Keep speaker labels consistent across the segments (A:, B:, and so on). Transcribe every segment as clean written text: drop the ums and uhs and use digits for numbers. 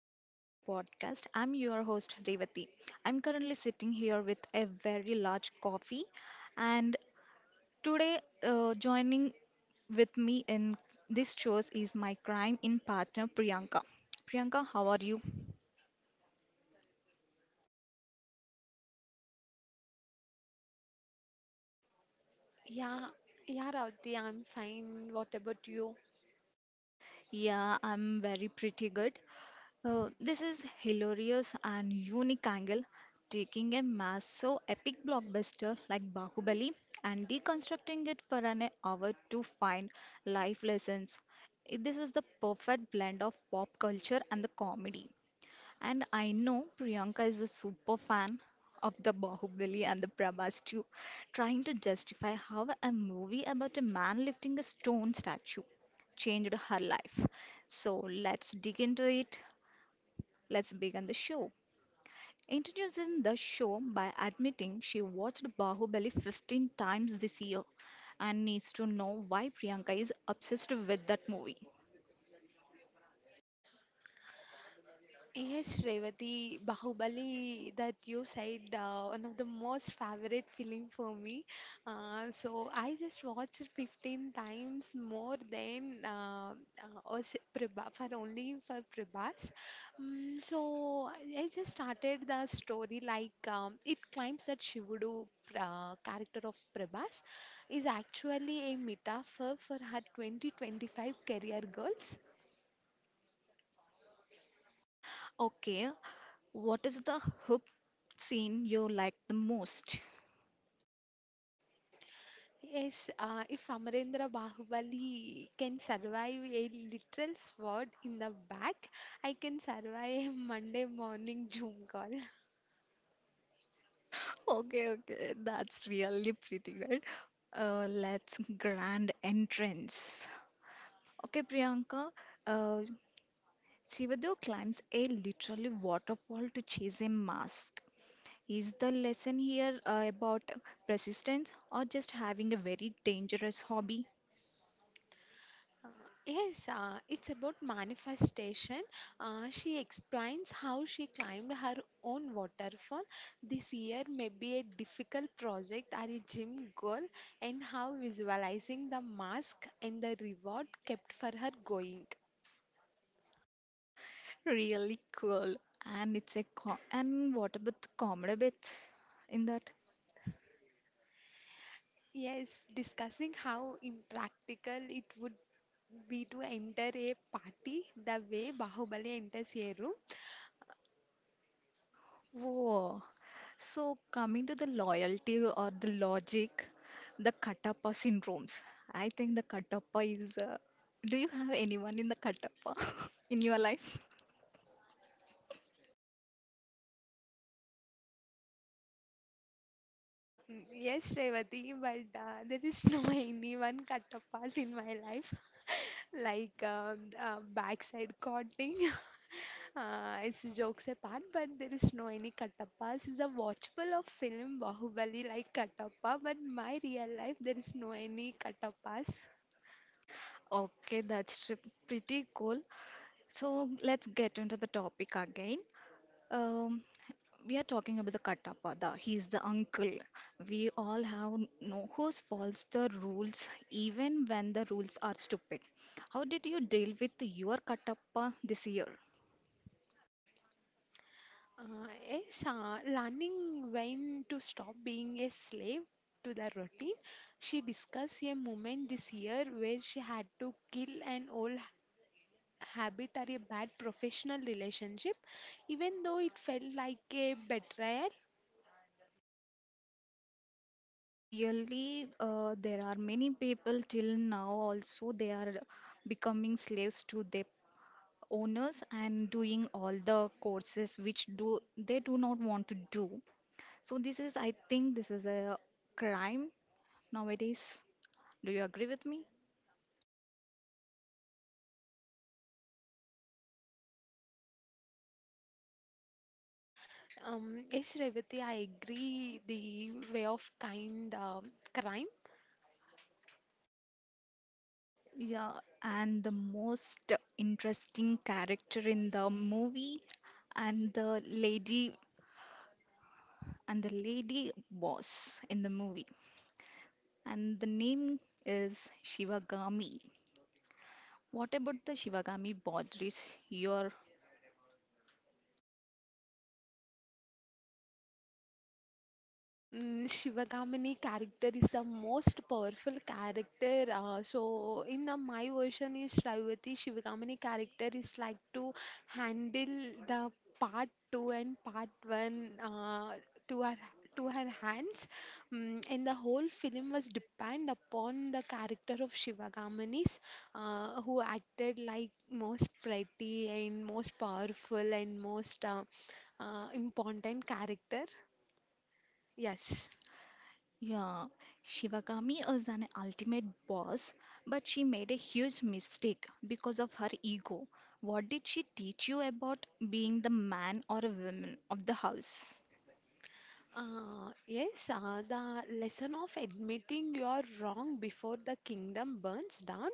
A: welcome back to the podcast. I'm your host Revati. I'm currently sitting here with a very large coffee, and today, joining with me in this show is my crime in partner Priyanka. Priyanka, how are you?
B: Yeah, yeah, Ravati, I'm fine. What about you?
A: Yeah, I'm very pretty good. This is hilarious and unique angle, taking a massive epic blockbuster like Bahubali and deconstructing it for an hour to find life lessons. This is the perfect blend of pop culture and the comedy. And I know Priyanka is a super fan of the Bahubali and the Prabhas too, trying to justify how a movie about a man lifting a stone statue changed her life. So let's dig into it. Let's begin the show. Introducing the show by admitting she watched Bahubali 15 times this year and needs to know why Priyanka is obsessed with that movie.
B: Yes, Revati, Bahubali that you said, one of the most favorite film for me. So I just watched it 15 times more than Prabha, for only for Prabhas. So I just started the story like it claims that Shivudu, character of Prabhas, is actually a metaphor for her 2025 career goals.
A: Okay, what is the hook scene you like the most?
B: Yes. If Amarendra Bahubali can survive a literal sword in the back, I can survive a Monday morning Zoom call.
A: Okay, okay, that's really pretty good. Let's grand entrance. Okay, Priyanka, uh, Shivadeo climbs a literally waterfall to chase a mask. Is the lesson here about persistence or just having a very dangerous hobby?
B: Yes, it's about manifestation. She explains how she climbed her own waterfall this year, maybe a difficult project or a gym goal, and how visualizing the mask and the reward kept for her going.
A: Really cool. And it's a co and what about the comedy bits in that?
B: Yes, discussing how impractical it would be to enter a party the way Bahubali enters a room.
A: Whoa, so, coming to the loyalty or the logic, the Katappa syndromes. I think the Katappa is. Do you have anyone in the Katappa in your life?
B: Uh, yes, Revati, but there is no anyone cut of pass in my life, like backside cutting. It's jokes apart, but there is no any Katappas. It's a watchable of film Bahubali like Katappa, but my real life there is no any Katappas.
A: Okay, that's pretty cool. So, let's get into the topic again. Um, we are talking about the Katappa. The, he's the uncle. We all have know who follows the rules, even when the rules are stupid. How did you deal with your Katappa this year?
B: Uh, yes, learning when to stop being a slave to the routine. She discussed a moment this year where she had to kill an habit or a bad professional relationship, even though it felt like a betrayal.
A: Really, there are many people till now also they are becoming slaves to their owners and doing all the courses which do they do not want to do. So this is, I think, this is a crime nowadays. Do you agree with me?
B: Yes, Revati, I agree. The way of kind crime.
A: Yeah, and the most interesting character in the movie and the lady and the lady boss in the movie, and the name is Shivagami. What about the Shivagami Bodhris? Your
B: Shivagamini character is the most powerful character. So in the, my version is, Shravati Shivagamini character is like to handle the part two and part one, to her to her hands. And the whole film was depend upon the character of Shivagamini's, who acted like most pretty and most powerful and most important character. Yes.
A: yeah, Shivagami is an ultimate boss, but she made a huge mistake because of her ego. What did she teach you about being the man or a woman of the house?
B: Yes, the lesson of admitting you're wrong before the kingdom burns down.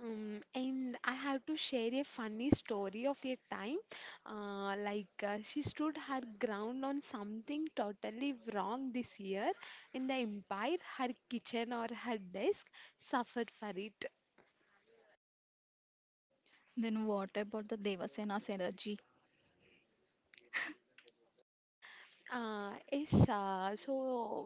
B: And I have to share a funny story of a time. She stood her ground on something totally wrong this year in the empire. Her kitchen or her desk suffered for it.
A: Then what about the Devasena's energy?
B: Yes, so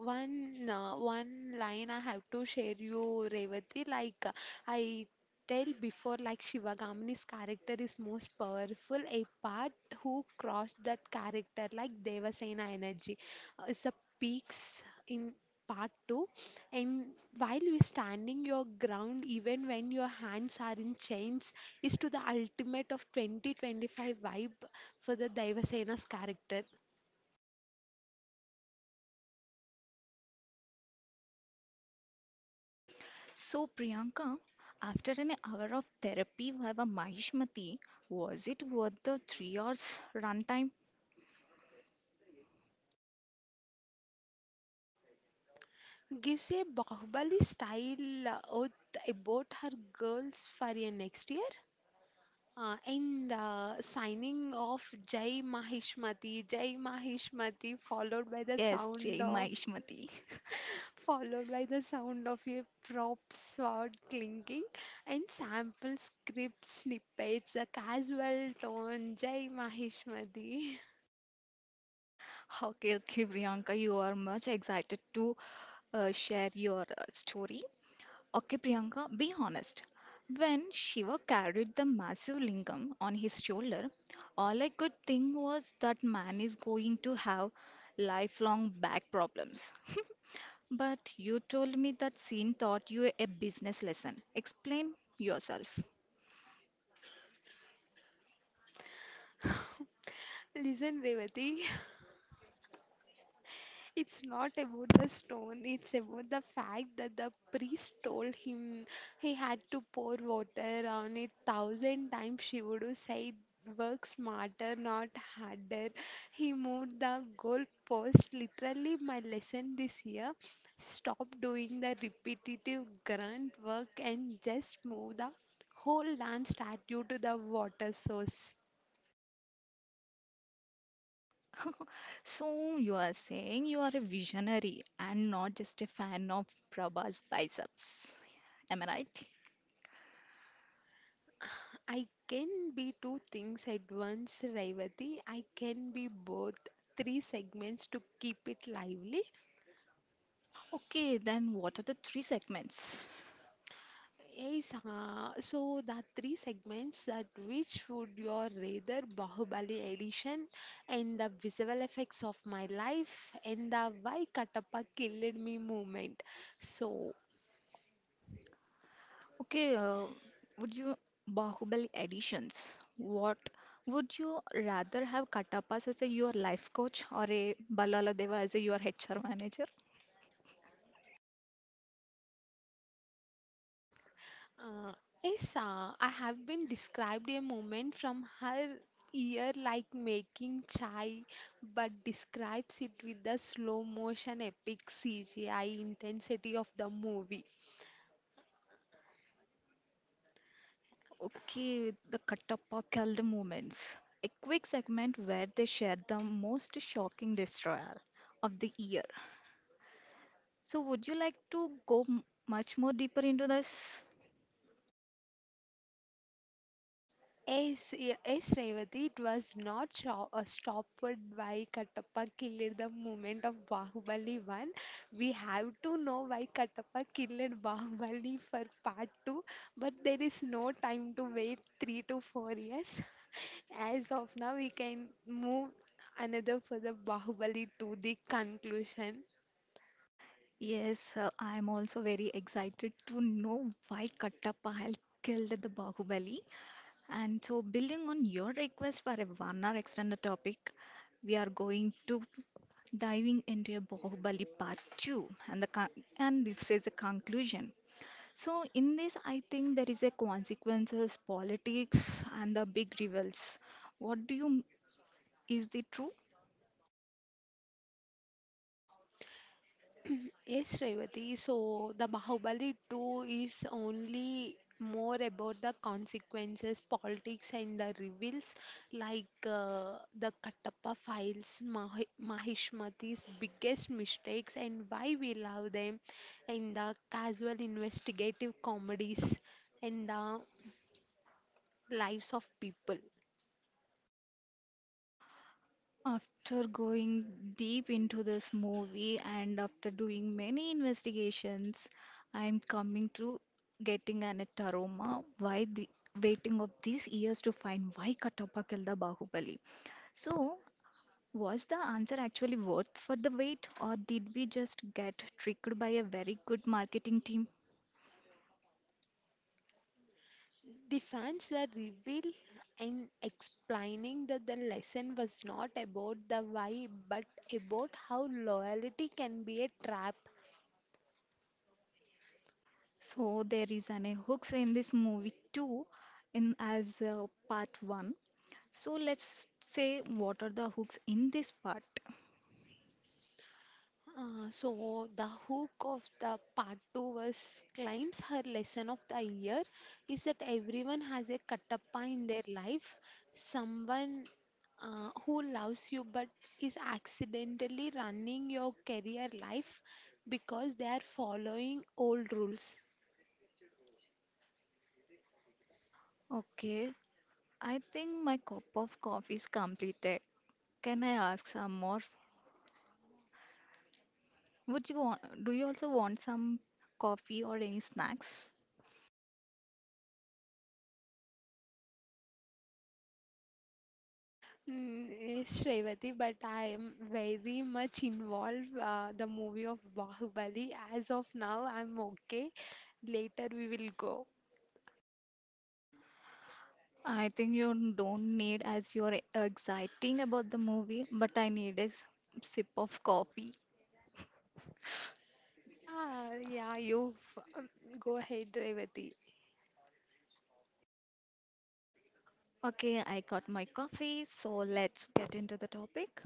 B: one uh, one line I have to share you, Revati. I tell before, like Shivagamini's character is most powerful. A part who crossed that character, like Devasena energy, is the peaks in part two. And while you're standing your ground, even when your hands are in chains, is to the ultimate of 2025 vibe for the Devasena's character.
A: So Priyanka, after an hour of therapy via Mahishmati, was it worth the 3 hours runtime?
B: Gives a Bahubali style oath about her girls for a next year. And signing off, Jai Mahishmati, Jai Mahishmati, followed by the
A: Yes,
B: sound
A: Jai
B: of,
A: Mahishmati.
B: followed by the sound of a prop sword clinking and sample script snippets, a casual tone, Jai Mahishmati.
A: Okay, okay, Priyanka, you are much excited to share your story. Okay, Priyanka, be honest. When Shiva carried the massive lingam on his shoulder, all I could think was that man is going to have lifelong back problems. But you told me that scene taught you a business lesson. Explain yourself.
B: Listen, Revati. It's not about the stone, it's about the fact that the priest told him he had to pour water on it thousand times. Shivudu said, work smarter, not harder. He moved the goalpost. Literally, my lesson this year, stop doing the repetitive grunt work and just move the whole lamp statue to the water source.
A: So you are saying you are a visionary and not just a fan of Prabha's biceps. Am I right?
B: I can be two things at once, Revati. I can be both three segments to keep it lively.
A: Okay, then what are the three segments?
B: Yes, so the three segments that which would your rather Bahubali edition and the visual effects of my life and the why Katappa killed me movement. So,
A: Okay, would you Bahubali editions? What would you rather have Katappas as a your life coach or a Balaladeva as a your HR manager?
B: Uh, Esa, I have been described a moment from her ear like making chai, but describes it with the slow motion epic CGI intensity of the movie.
A: Okay, the Kattappa Kalda moments. A quick segment where they share the most shocking destroyer of the year. So, would you like to go much more deeper into this?
B: Yes, yes, Revati, it was not stopped by Kattappa killed the moment of Bahubali 1. We have to know why Kattappa killed Bahubali for part 2, but there is no time to wait 3 to 4 years. As of now, we can move another for the Bahubali to the conclusion.
A: Yes, I am also very excited to know why Kattappa had killed the Bahubali. And so, building on your request for a one-hour extended topic, we are going to diving into a Bahubali part two, and and this is a conclusion. So, in this, I think there is a consequences, politics, and the big rivals. What do you? M- Is it true?
B: Yes, Revati. So the Bahubali 2 is only more about the consequences, politics, and the reveals, like the Kattappa files, Mahishmati's biggest mistakes, and why we love them, and the casual investigative comedies, and the lives of people.
A: After going deep into this movie and after doing many investigations, I'm coming to getting an aroma why the waiting of these years to find why Katappa killed the Bahubali. So, was the answer actually worth for the wait, or did we just get tricked by a very good marketing team?
B: The fans are revealed in explaining that the lesson was not about the why but about how loyalty can be a trap.
A: So there is an a hooks in this movie too, in as part one. So let's say what are the hooks in this part?
B: So the hook of the part 2 was claims her lesson of the year is that everyone has a katappa in their life, someone who loves you but is accidentally running your career life because they are following old rules.
A: Okay, I think my cup of coffee is completed. Can I ask some more? Do you also want some coffee or any snacks?
B: Yes, Srevati, but I am very much involved the movie of Bahubali. As of now, I'm okay. Later we will go.
A: I think you don't need as you're exciting about the movie, but I need a sip of coffee.
B: Yeah, yeah, go ahead, Revati.
A: Okay, I got my coffee, so let's get into the topic.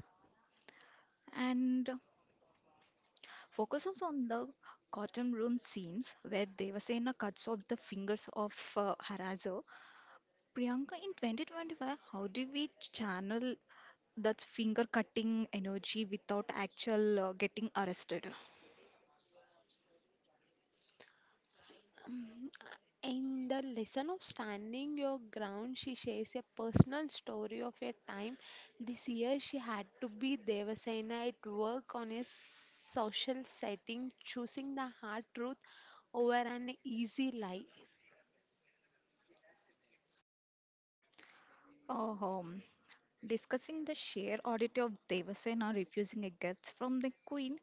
A: And focuses on the cotton room scenes where Devasena cuts off the fingers of harasser. Priyanka, in 2025, how do we channel that finger cutting energy without actual getting arrested?
B: Mm, In the lesson of standing your ground, she shares a personal story of a time this year she had to be Devasena at work on a social setting, choosing the hard truth over an easy lie.
A: Uh, um, Discussing the sheer oddity of Devasena refusing a gift from the queen,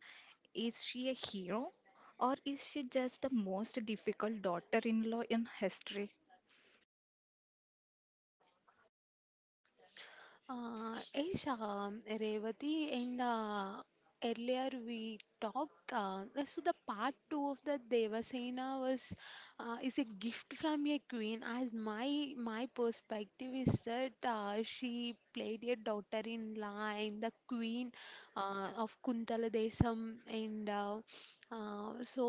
A: is she a hero or is she just the most difficult daughter in law in history?
B: Is Revati, in the earlier we talked, so the part two of the Devasena was, is a gift from a queen, as my perspective is that she played a daughter-in-law and the queen of Kuntala Desam, and uh, uh, so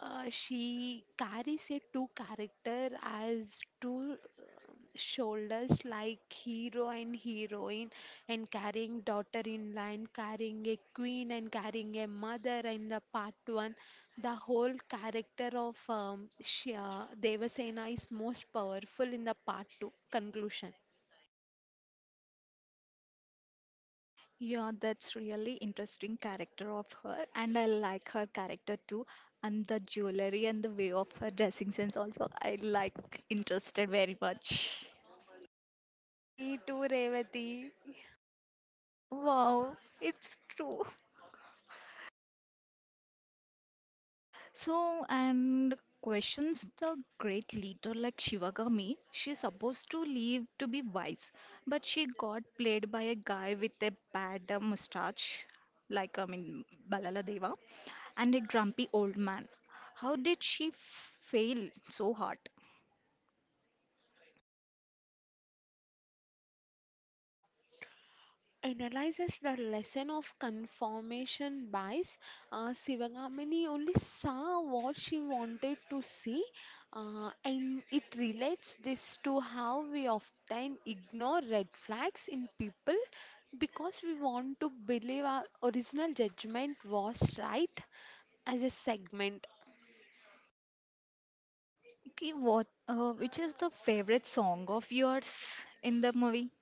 B: uh, she carries a two character as two shoulders like hero and heroine, and carrying daughter in line, carrying a queen, and carrying a mother in the part 1. The whole character of devasena is most powerful in the part 2 conclusion.
A: Yeah, that's really interesting character of her, and I like her character too, and the jewelry and the way of her dressing sense also. I like interested very much.
B: Me too, Revati.
A: Wow, it's true. So, and questions the great leader like Shivagami. She's supposed to leave to be wise, but she got played by a guy with a bad mustache, like I mean Balala Deva, and a grumpy old man. How did she fail so hard?
B: Analyzes the lesson of confirmation bias. Sivagamini only saw what she wanted to see, and it relates this to how we often ignore red flags in people because we want to believe our original judgment was right as a segment.
A: Okay, which is the favorite song of yours in the movie?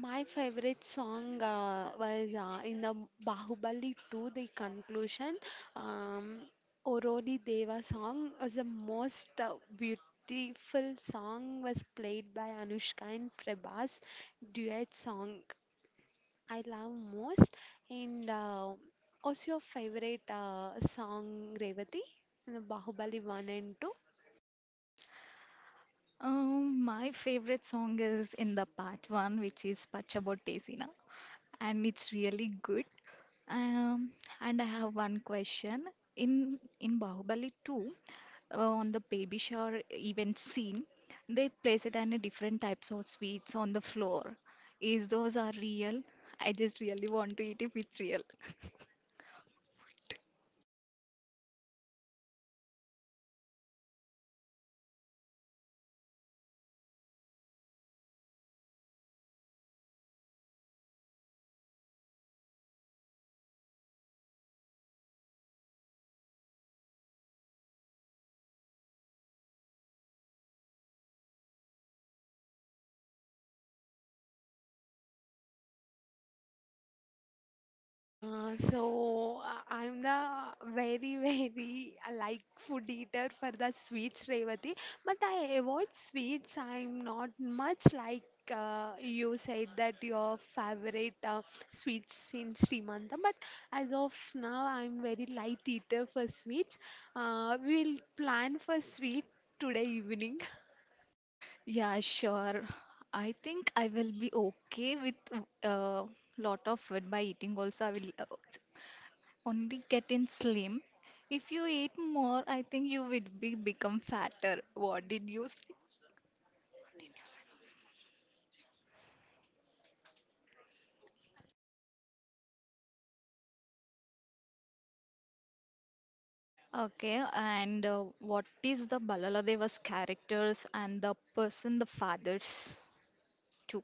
B: My favorite song was in the Bahubali 2, the conclusion. Um, Orodi Deva song was the most beautiful song, was played by Anushka and Prabhas duet song, I love most. And what's your favorite song, Revati? In the Bahubali 1 and 2?
A: My favorite song is in the part one, which is Pachabotesina, and it's really good. Um, and I have one question. In Bahubali 2, on the baby shower event scene, they place it and a different types of sweets on the floor. Is those are real? I just really want to eat if it's real.
B: I'm the very very like food eater for the sweets, Revati, but I avoid sweets. I'm not much like, you said that your favorite sweets in Srimantam, but as of now I'm very light eater for sweets. We'll plan for sweet today evening.
A: Yeah, sure. I think I will be okay with uh, lot of food by eating also. I will only getting slim. If you eat more, I think you would be become fatter. What did you say? Okay, and what is the Balaladevas characters and the person the fathers too?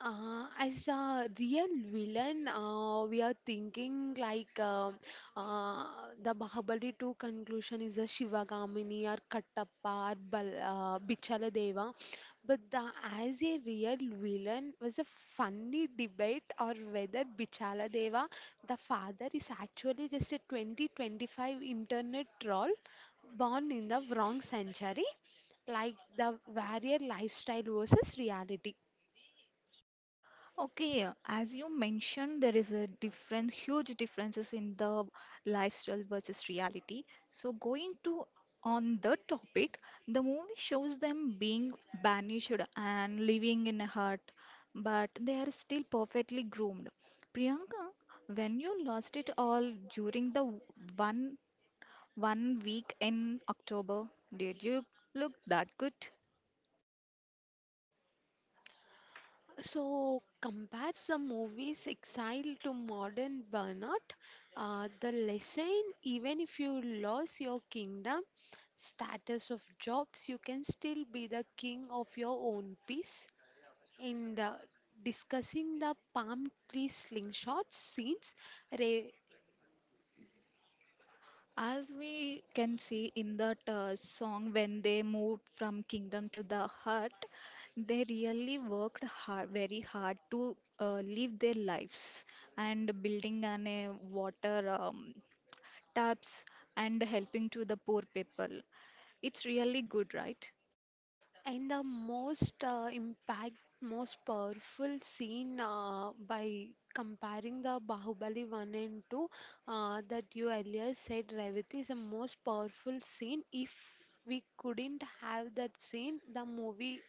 B: As a real villain, we are thinking like uh, the Bahubali 2 conclusion is a Shivagamini or Kattappa or Bal Bichaladeva. But the as a real villain was a funny debate or whether Bichaladeva, the father, is actually just a 2025 internet troll born in the wrong century, like the warrior lifestyle versus reality.
A: Okay, as you mentioned, there is a difference, huge differences in the lifestyle versus reality. So, going to on the topic, the movie shows them being banished and living in a hut, but they are still perfectly groomed. Priyanka, when you lost it all during the one one week in October, did you look that good?
B: So compares the movie's exile to modern burnout. The lesson, even if you lose your kingdom, status of jobs, you can still be the king of your own peace. And discussing the palm tree slingshot scenes, Ra-.
A: As we can see in that song, when they moved from kingdom to the hut, they really worked hard, very hard to live their lives and building an a water taps and helping to the poor people. It's really good, right?
B: And the most impact, most powerful scene by comparing the Bahubali 1 and 2, that you earlier said, Revati, is the most powerful scene. If we couldn't have that scene, the movie,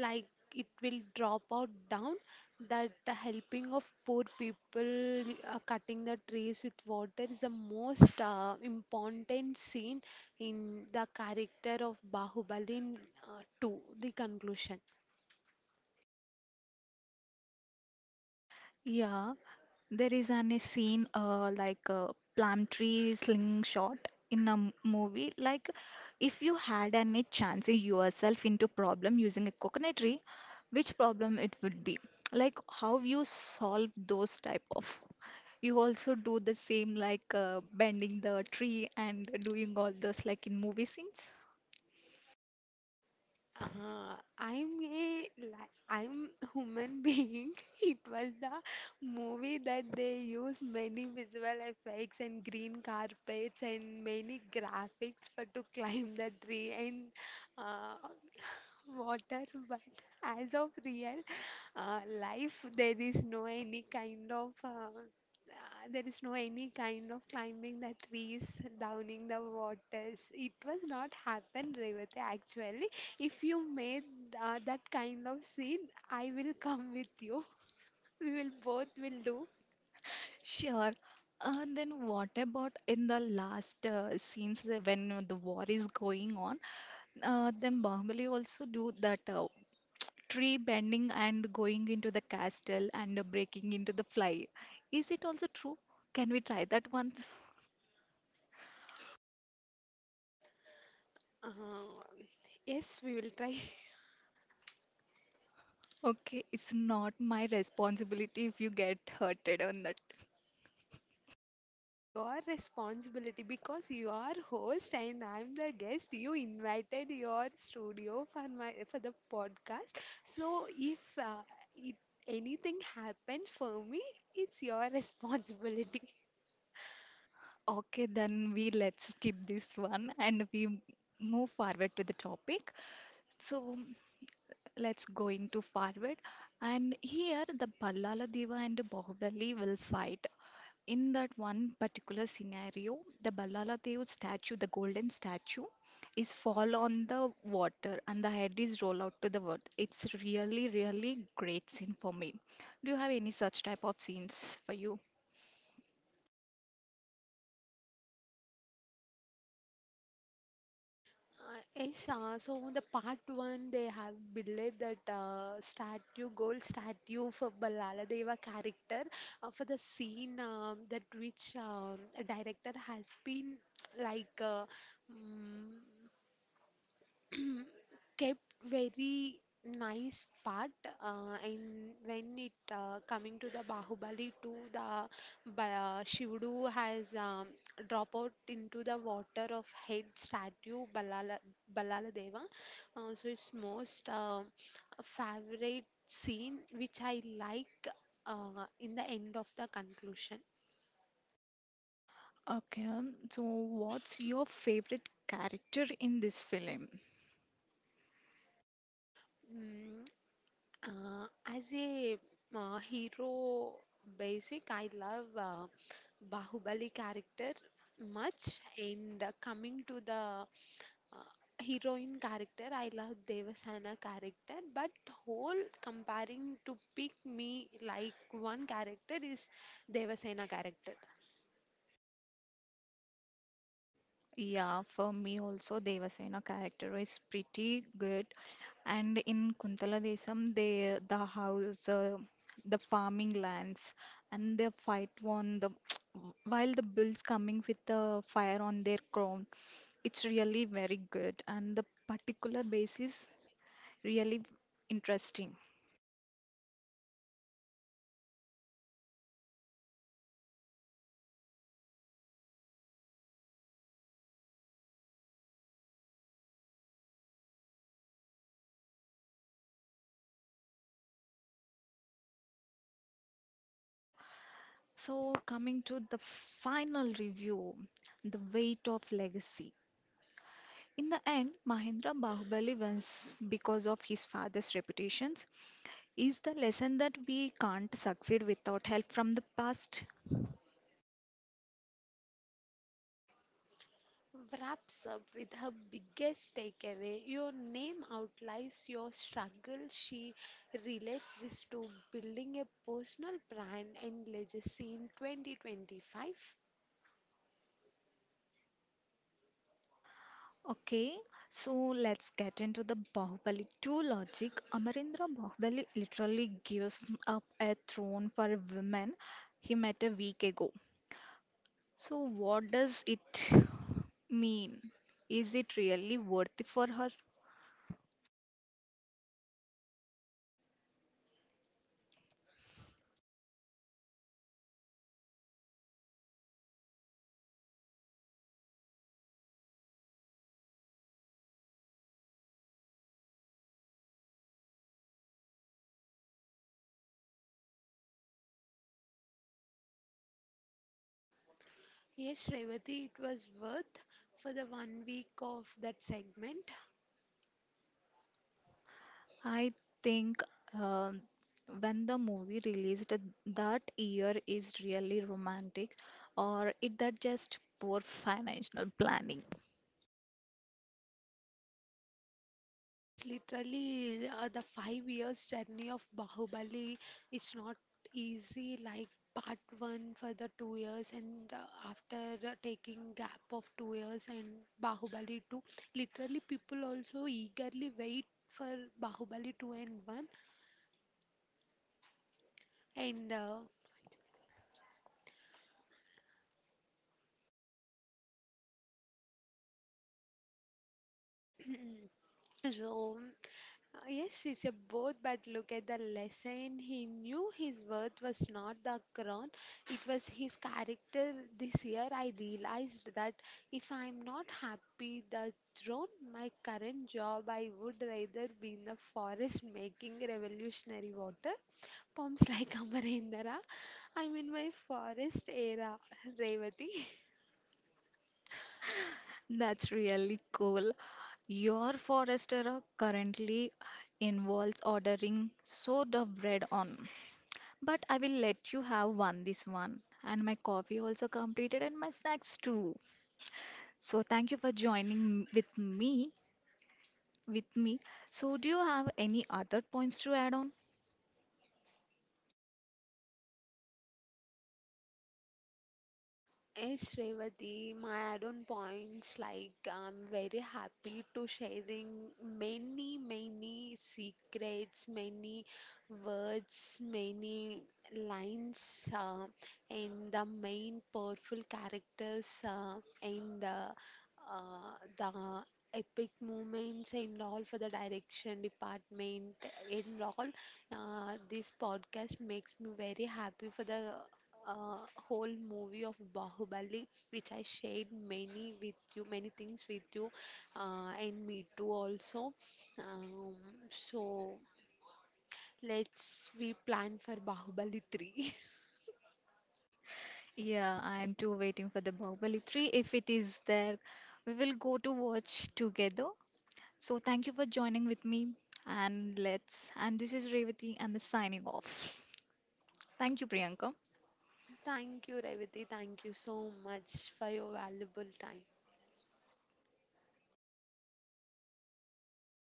B: like, it will drop out down, that the helping of poor people, cutting the trees with water is the most important scene in the character of Bahubali in, 2, the conclusion.
A: Yeah, there is an a scene like a plum tree slingshot in a movie. Like if you had any chance in yourself into problem using a coconut tree, which problem it would be? Like how you solve those type of. You also do the same like bending the tree and doing all those like in movie scenes.
B: I'm human being. It was the movie that they use many visual effects and green carpets and many graphics for to climb the tree and uh, water, but as of real life, there is no any kind of there is no any kind of climbing the trees, downing the waters. It was not happen, Revati. Actually, if you made that kind of scene, I will come with you. We will both will do.
A: Sure. And then what about in the last scenes that when the war is going on? Then Bahubali also do that tree bending and going into the castle and breaking into the fly. Is it also true? Can we try that once?
B: Uh, yes, we will try.
A: Okay, it's not my responsibility if you get hurted on that.
B: Your responsibility, because you are host and I'm the guest. You invited your studio for my for the podcast. So if it, anything happens for me, it's your responsibility.
A: Okay, then we let's skip this one and we move forward to the topic. So let's go into forward. And here the Ballala Deva and Bahubali will fight. In that one particular scenario, the Ballala Deva statue, the golden statue, is fall on the water and the head is roll out to the earth. It's really, really great scene for me. Do you have any such type of scenes for you?
B: Yes, so on the part one they have built that statue, gold statue for Ballala Deva character, for the scene that which a director has been like uh, mm, Mm, kept very nice part in when it coming to the Bahubali 2, the Shivudu has drop out into the water of head statue, Balala Deva, so it's most favorite scene which I like in the end of the conclusion.
A: Okay, so what's your favorite character in this film?
B: mm, as a hero basic, I love Bahubali character much. And coming to the uh, heroine character, I love Devasana character. But whole comparing to pick me like one character is Devasena character.
A: Yeah, for me also Devasena character is pretty good. And in Kuntala Desam, they the house, the farming lands, and the fight on the while the bulls coming with the fire on their crown. It's really very good, and the particular basis really interesting. So coming to the final review, the weight of legacy. In the end, Mahendra Bahubali wins because of his father's reputations. Is the lesson that we can't succeed without help from the past?
B: Wraps up with her biggest takeaway, your name outlives your struggle. She relates this to building a personal brand and legacy in 2025.
A: Okay, so let's get into the Bahubali 2 logic. Amarendra Bahubali literally gives up a throne for a woman he met a week ago. So, what does it mean? Is it really worthy for her?
B: Yes, Revati, it was worth for the 1 week of that segment.
A: I think um when the movie released that year is really romantic, or it that just poor financial planning.
B: It's literally the 5 years journey of Bahubali. It's not easy like part one for the 2 years and after taking gap of 2 years and Bahubali 2. Literally people also eagerly wait for Bahubali 2 and 1 and so, yes, it's a both, but look at the lesson. He knew his worth was not the crown, it was his character. This year, I realized that if I'm not happy, the throne, my current job, I would rather be in the forest making revolutionary water pumps like Amarendra. I'm in my forest era, Revati.
A: That's really cool. Your forester are currently involves ordering so the bread on. But I will let you have one this one. And my coffee also completed and my snacks too. So thank you for joining with me with me. So do you have any other points to add on?
B: Yes, Revati, my add-on points, like, I'm very happy to sharing many, many secrets, many words, many lines, and the main powerful characters, and the epic moments and all for the direction department and all. This podcast makes me very happy for the uh, whole movie of Bahubali, which I shared many with you, many things with you, and me too also. Um, so let's we plan for Bahubali 3.
A: Yeah, I'm too waiting for the Bahubali 3. If it is there, we will go to watch together. So thank you for joining with me and let's and this is Revati and the signing off. Thank you, Priyanka.
B: Thank you, Revati. Thank you so much for your valuable time.